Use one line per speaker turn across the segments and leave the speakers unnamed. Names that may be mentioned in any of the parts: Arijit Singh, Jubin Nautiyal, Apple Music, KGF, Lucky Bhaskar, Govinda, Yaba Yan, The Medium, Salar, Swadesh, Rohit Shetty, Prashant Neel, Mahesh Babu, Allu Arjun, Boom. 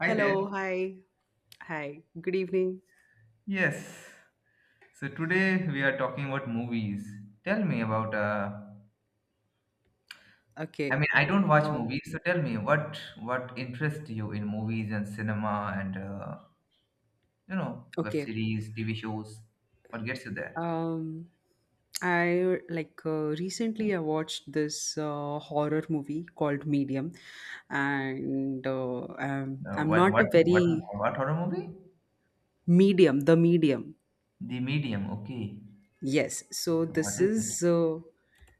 Hi there.
Hello, hi, hi. Good evening.
Yes. So today we are talking about movies. Tell me about I
Okay.
mean I don't watch
Uh,
movies, so tell me what interests you in movies and cinema and you know web
okay.
series, TV shows. What gets you there?
Um, I like recently I watched this horror movie called Medium, and
Uh,
I'm
what
not a
what what
very
what horror movie?
medium, the medium.
The Medium. Okay.
Yes, so
So what is it?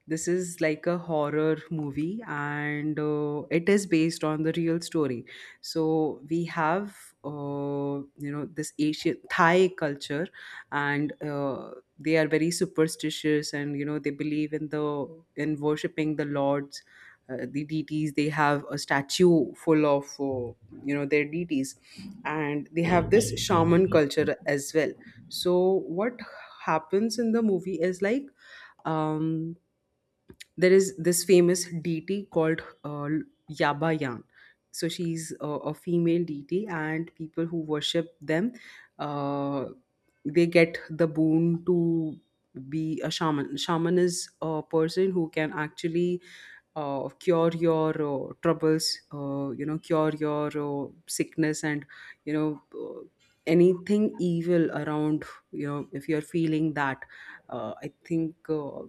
this is like a horror movie, and it is based on the real story. So we have you know this Asian Thai culture, and they are very superstitious, and you know they believe in the in worshipping the lords, the deities. They have a statue full of you know their deities, and they have this shaman culture as well. So what happens in the movie is like um there is this famous deity called Yaba Yan. So she's a female deity, and people who worship them, uh, they get the boon to be a shaman. Shaman is a person who can actually cure your troubles, you know, cure your sickness, and you know. Anything evil around you know if you're feeling that I think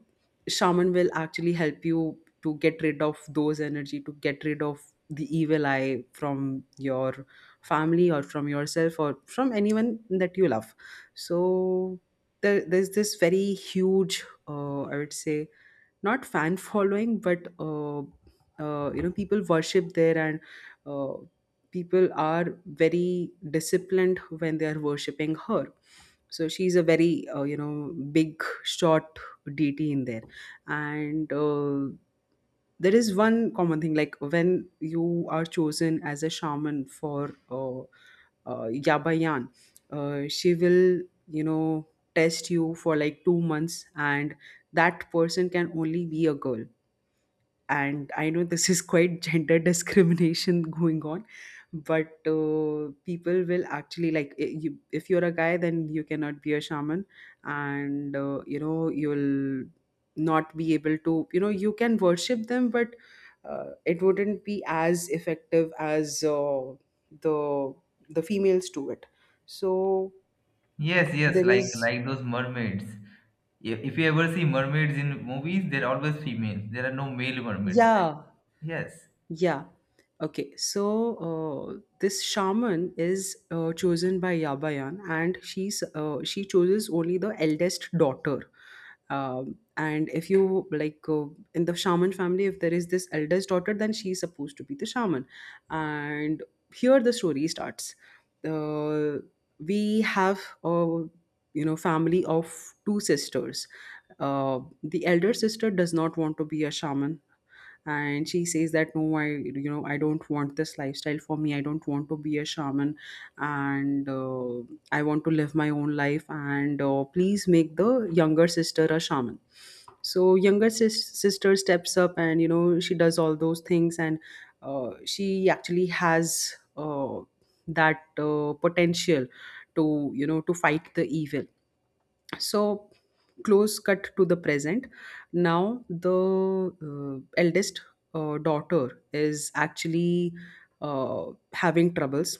shaman will actually help you to get rid of those energy to get rid of the evil eye from your family or from yourself or from anyone that you love. So there's this very huge I would say not fan following but you know people worship there, and uh, people are very disciplined when they are worshipping her. So she's a very you know big shot deity in there, and there is one common thing like when you are chosen as a shaman for yabayan, she will you know test you for like 2 months, and that person can only be a girl. And I know this is quite gender discrimination going on, but people will actually like you, if you're a guy, then you cannot be a shaman, and you know you'll not be able to you know you can worship them, but it wouldn't be as effective as the the females do it. So
Yes, yes,
there
like
is
like those mermaids. If you ever see mermaids in movies, they're always females. There are no male mermaids there.
yeah.
Yes.
Yeah. Okay. So this shaman is chosen by Yabayan, and she's she chooses only the eldest daughter. And if you like in the shaman family, if there is this eldest daughter, then she's supposed to be the shaman. And here the story starts. Uh, we have a you know family of two sisters. The elder sister does not want to be a shaman, and she says that no, I you know I don't want this lifestyle for me, I don't want to be a shaman, and I want to live my own life, and please make the younger sister a shaman. So younger sister steps up, and you know she does all those things, and she actually has that potential to you know to fight the evil. So close cut to the present, now the eldest daughter is actually uh, having troubles.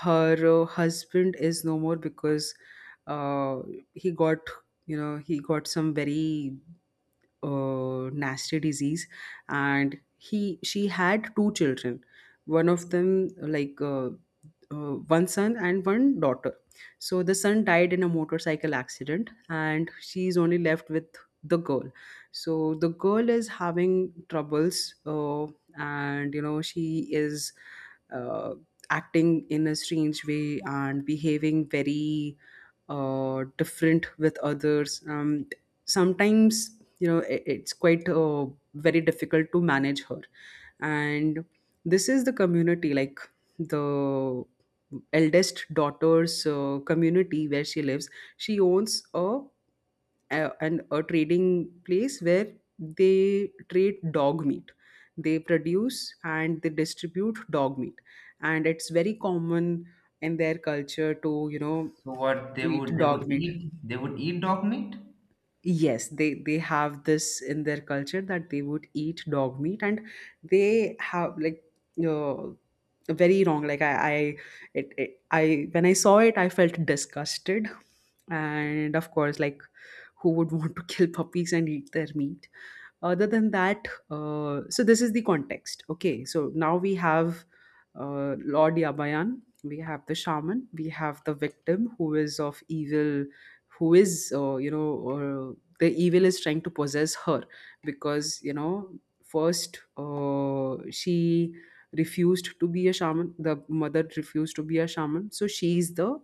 Her husband is no more because uh, he got you know he got some very nasty disease, and he she had two children, one of them like one son and one daughter. So the son died in a motorcycle accident, and she's only left with the girl. So the girl is having troubles, and you know she is uh, acting in a strange way and behaving very different with others. Sometimes you know it's quite very difficult to manage her. And this is the community like the eldest daughter's community where she lives. She owns a trading place where they trade dog meat, they produce and they distribute dog meat, and it's very common in their culture to you know
So what
to eat dog meat.
they would eat dog meat?
Yes, they have this in their culture that they would eat dog meat, and they have like uh, very wrong like I it, it I when I saw it I felt disgusted. And of course like who would want to kill puppies and eat their meat. Other than that, so this is the context. Okay, so now we have Lord Yabayan, we have the shaman, we have the victim who is of evil, who is, you know, the evil is trying to possess her because, you know, first she refused to be a shaman, the mother refused to be a shaman, so she is the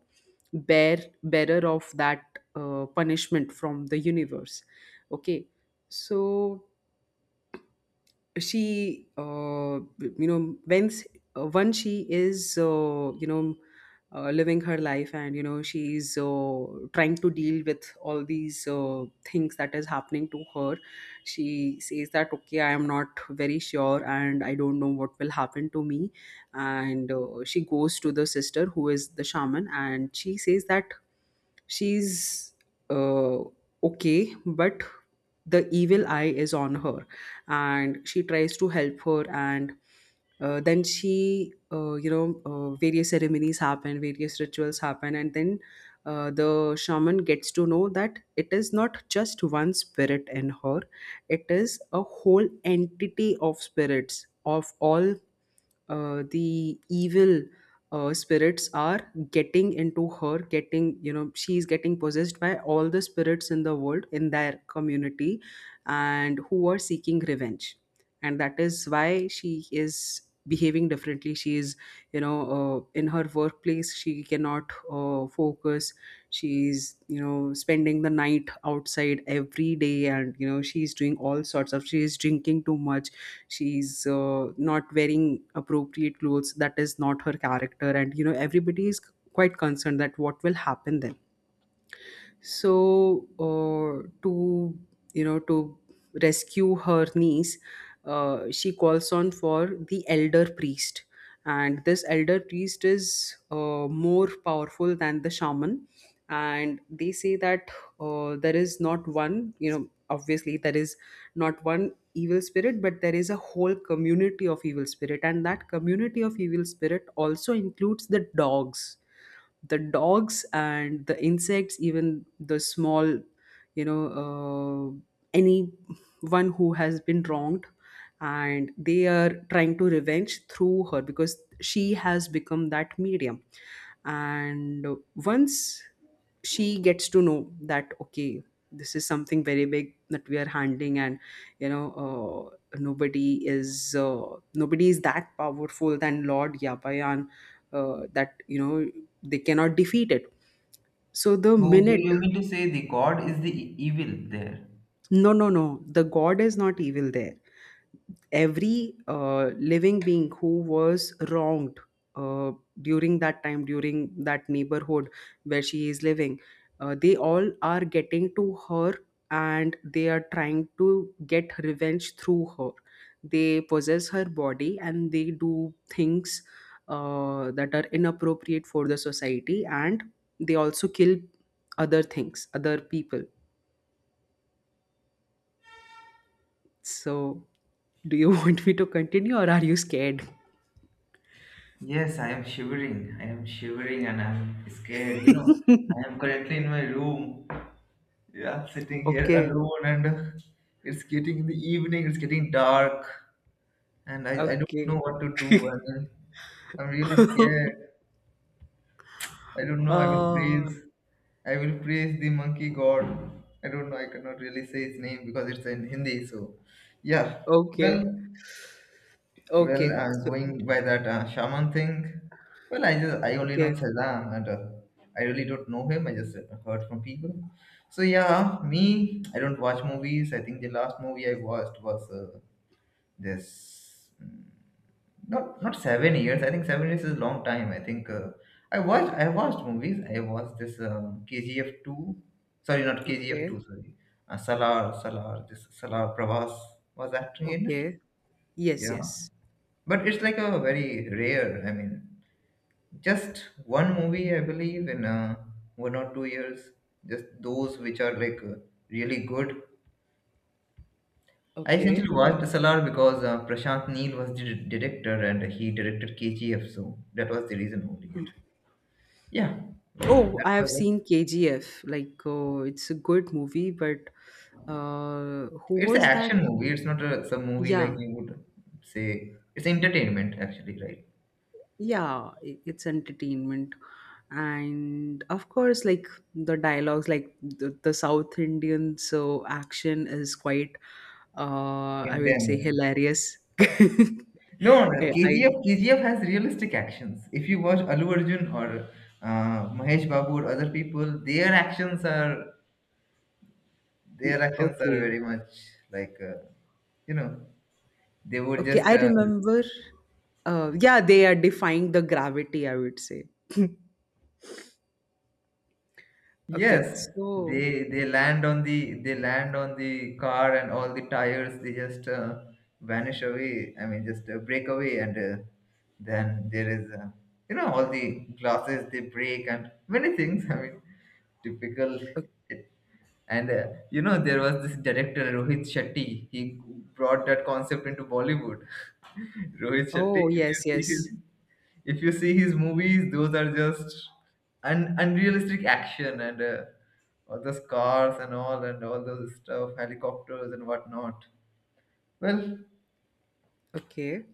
bearer of that punishment from the universe. Okay, so she you know once once she is you know living her life, and you know she is trying to deal with all these things that is happening to her. She says that okay, I am not very sure and I don't know what will happen to me. And she goes to the sister who is the shaman, and she says that she's uh, okay but the evil eye is on her. And she tries to help her, and then she you know various ceremonies happen, various rituals happen, and then the shaman gets to know that it is not just one spirit in her, it is a whole entity of spirits of all the evil spirits are getting into her, getting you know she's getting possessed by all the spirits in the world in their community, and who are seeking revenge. And that is why she is behaving differently. She is you know in her workplace she cannot focus. She's you know spending the night outside every day, and you know she's doing all sorts of, she is drinking too much, she's not wearing appropriate clothes that is not her character, and you know everybody is quite concerned that what will happen then. So to you know to rescue her niece, she calls on for the elder priest. And this elder priest is more powerful than the shaman, and they say that there is not one you know obviously there is not one evil spirit, but there is a whole community of evil spirit, and that community of evil spirit also includes the dogs, the dogs and the insects, even the small you know any who has been wronged, and they are trying to revenge through her because she has become that medium. And once she gets to know that okay, this is something very big that we are handling, and you know nobody is that powerful than lord yapayan, that you know they cannot defeat it. So the
So
minute.
you mean to say the god is the evil there?
No, no, no. The god is not evil there. Every living being who was wronged uh, during that time, during that neighborhood where she is living, they all are getting to her, and they are trying to get revenge through her. They possess her body and they do things that are inappropriate for the society, and they also kill other things, other people. So, do you want me to continue or are you scared?
Yes, I am shivering. I am shivering and I'm scared. You know, I am currently in my room. Yeah, sitting here
Okay,
alone and it's getting in the evening. It's getting dark and I don't know
okay.
what to do, and I'm really scared. I don't know. I'm in
uh,
freeze. I will praise the monkey god. I don't know. I cannot really say his name because it's in Hindi. So, yeah. Well,
okay,
well,
okay.
uh,
So,
going by that shaman thing. Well, I only know
okay,
Saddam, and I really don't know him. I just heard from people. So yeah, me. I don't watch movies. I think the last movie I watched was this. Not 7 years. I think 7 years is a long time. I watched movies. I watched this KGF two. Sorry, not KGF
okay,
two. Sorry, Salar. This Salar Pravas was acting in it.
okay. Yes,
Yeah,
yes.
but it's like a very rare. I mean, just one movie I believe in 1 or 2 years. Just those which are like really good. I essentially
Okay.
watched Salar because Prashant Neel was the director and he directed KGF, so that was the reason only. Yeah, that
Oh, I have
was it.
seen KGF. Like, oh, it's a good movie, but who
It's an
was that?
action movie. It's not a some movie like
Yeah,
you would say. It's entertainment, actually, right?
yeah it's entertainment, and of course like the dialogues like the south indian so action is quite I would say
Intense.
hilarious.
No, no,
Eh,
KGF
I
KGF has realistic actions. If you watch Allu Arjun or Mahesh Babu or other people, their actions are
okay,
very much like you know they would
okay,
just
I remember yeah they are defying the gravity, I would say. Okay,
Yes,
so
they they land on the car, and all the tires they just vanish away. I mean, just break away, and then there is you know all the glasses they break and many things. I mean, typical.
o-
And you know, there was this director Rohit Shetty. He brought that concept into Bollywood. Rohit Shetty,
oh yes, yes.
if you see his movies, those are just unrealistic action, and all those cars and all, and all those stuff, helicopters and whatnot. Well,
Okay,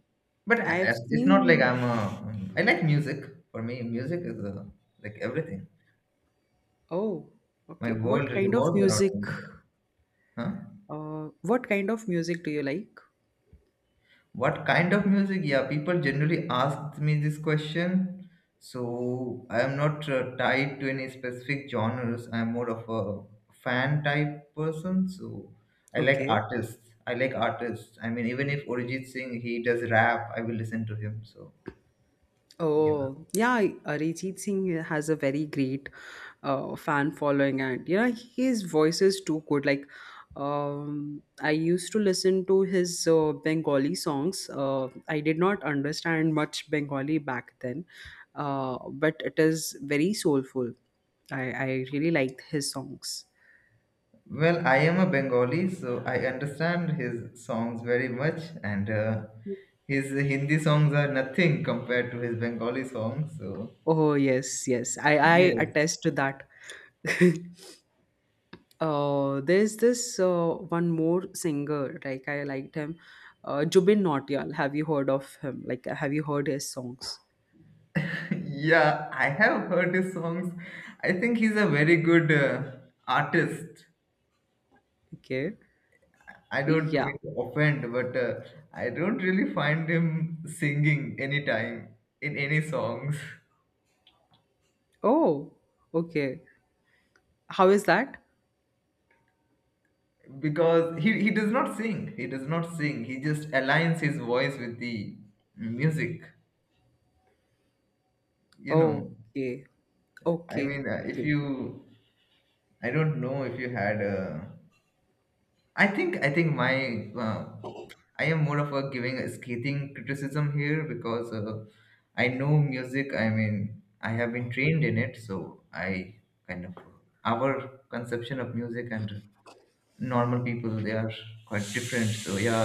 but
I've
it's not like
seen.
I'm. A, I like music. For me, music is like everything.
Oh
My
okay, what
world
kind of
revolves around
music.
music. Huh?
What kind of music do you like?
What kind of music? Yeah, people generally ask me this question. So I am not tied to any specific genres. I am more of a fan type person. So
Okay.
I like artists. I mean, even if Arijit Singh he does rap, I will listen to him. So yeah.
Oh, yeah, Arijit Singh has a very great fan following, and yeah, his voice is too good. Like, I used to listen to his Bengali songs. I did not understand much Bengali back then, but it is very soulful. I really liked his songs.
Well, I am a Bengali, so I understand his songs very much, and his Hindi songs are nothing compared to his Bengali songs. So.
Oh, yes, yes, I
Yes,
attest to that. There's this one more singer, like I liked him, Jubin Nautiyal. Have you heard of him? Like, have you heard his songs?
yeah, I have heard his songs. I think he's a very good artist.
Okay.
I don't
Yeah.
mean to offend, but I don't really find him singing anytime in any songs.
Oh, okay. How is that?
Because he does not sing. He does not sing. He just aligns his voice with the music. You know,
Okay.
I
Okay.
mean, if
Okay.
you, I don't know if you had I think my I am more of a giving a scathing criticism here because I know music. I mean, I have been trained in it, so I kind of our conception of music and normal people they are quite different. So yeah,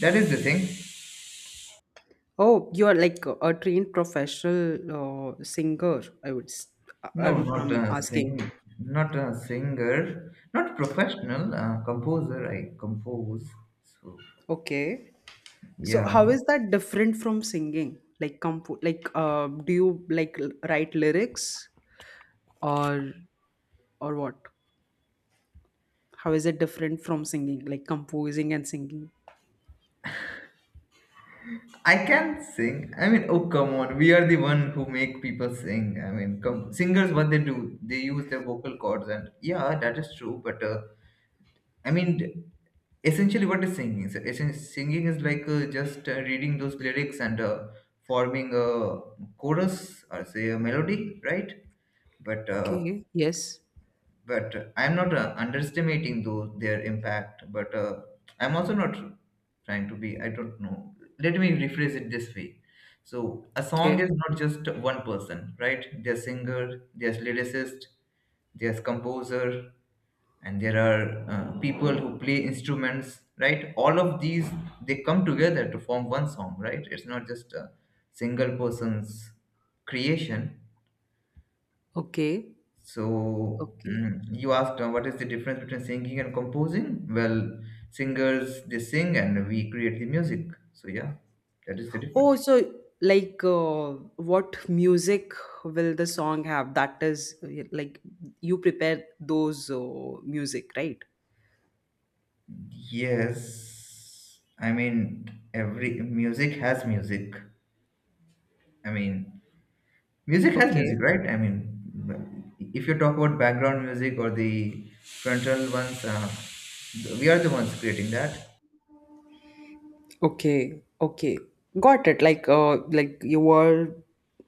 that is the thing.
Oh, you are like a trained professional singer, I would.
No,
I'm
not a
asking.
sing, not a singer, not professional composer. I compose. So
Okay. So
yeah.
how is that different from singing? Like compo like do you like write lyrics? or or what, how is it different from singing like composing and singing.
I can sing. I mean, oh come on, we are the one who make people sing. I mean, come, singers, what they do, they use their vocal cords, and yeah, that is true. But I mean, essentially, what is singing? So, singing is like just reading those lyrics and forming a chorus or say a melody, right? But uh,
Okay, yes.
but I'm not underestimating those their impact, but I'm also not trying to be, I don't know, let me rephrase it this way. So a song
Okay,
is not just one person, right? There's singer, there's lyricist, there's composer, and there are people who play instruments, right? All of these, they come together to form one song, right? It's not just a single person's creation.
okay,
So
okay.
you asked what is the difference between singing and composing? Well, singers they sing and we create the music. So yeah, that is the
Oh
difference.
so, like what music will the song have that is like you prepare those music right.
Yes, I mean every music has music. I mean music has music,
Okay,
right? I mean if you talk about background music or the frontal ones, we are the ones creating that.
okay, okay, got it. Like like you were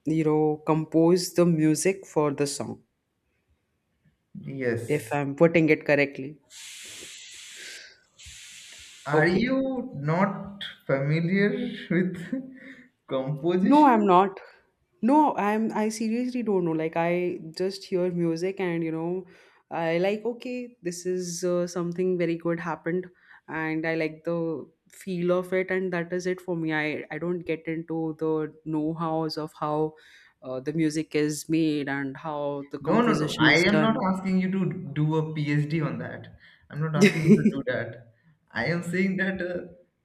you know compose the music for the song, if
Yes.
I'm putting it correctly.
Are
Okay.
you not familiar with
No, I'm
composition?
not. No, I seriously don't know. Like I just hear music and you know, I like okay, this is something very good happened, and I like the feel of it, and that is it for me. I don't get into the know-hows of how the music is made and how the
No, no, no.
composition
I
is
am not
done.
asking you to do a PhD on that. I'm not asking you to do that. I am saying that uh,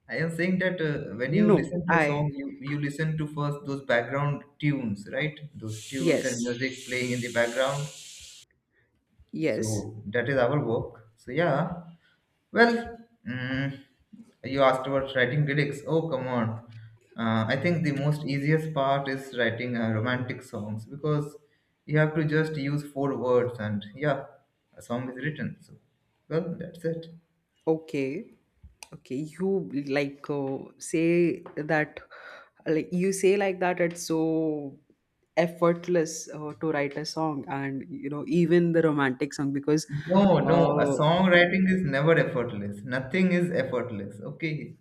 I am saying that when you
No,
listen to a
I
song, you listen to first those background tunes, right? Those tunes and
yes.
music playing in the background.
Yes.
So that is our work. So yeah. Well, mm, you asked about writing lyrics. Oh, come on. I think the most easiest part is writing romantic songs because you have to just use four words, and yeah, a song is written. So, well, that's it.
Okay. Okay, you like say that like you say like that it's so effortless to write a song, and you know even the romantic song because
No, no, a
uh
songwriting is never effortless. Nothing is effortless. Okay.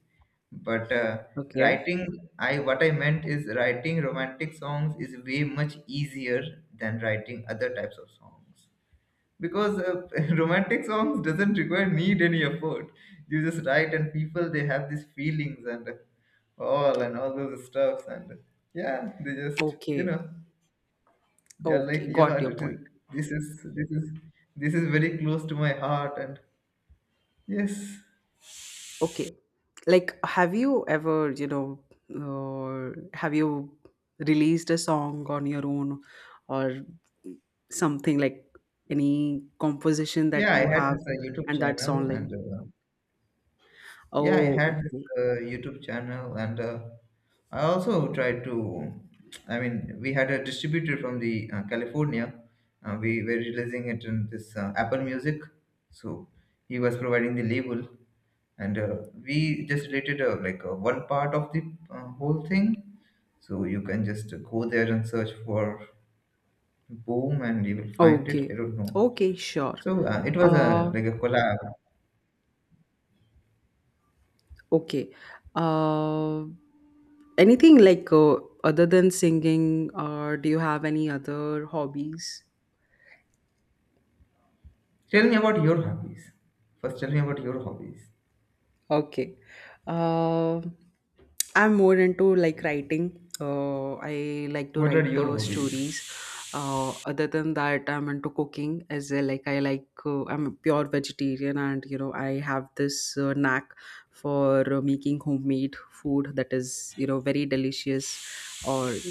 But
okay,
writing, I what I meant is writing romantic songs is way much easier than writing other types of songs. Because romantic songs doesn't require need any effort. You just write, and people they have these feelings and all, and all those stuffs, and yeah, they just you
okay,
know they are like
okay, got
yeah
your
it is,
point.
this is this is this is very close to my heart, and yes,
Okay, like have you ever you know have you released a song on your own or something like any composition that
yeah. I
you
had
have
this youtube
and that
channel
song like
and Yeah, I
oh
had this
okay,
YouTube channel, and I also tried to. I mean, we had a distributor from the California. We were releasing it in this Apple Music, so he was providing the label, and we just rated one part of the whole thing. So you can just go there and search for Boom, and you will find it.
okay.
I don't know.
Okay, sure.
So it was a
Uh,
like a collab.
okay. Uh, Anything like other than singing, do you have any other hobbies?
Tell me about your hobbies. First, tell me about your hobbies.
Okay. Uh, I'm more into like writing. I like to
What are
write
your hobbies?
stories. Other than that, I'm into cooking as well. Like I like I'm a pure vegetarian, and you know I have this knack for making homemade food that is you know very delicious or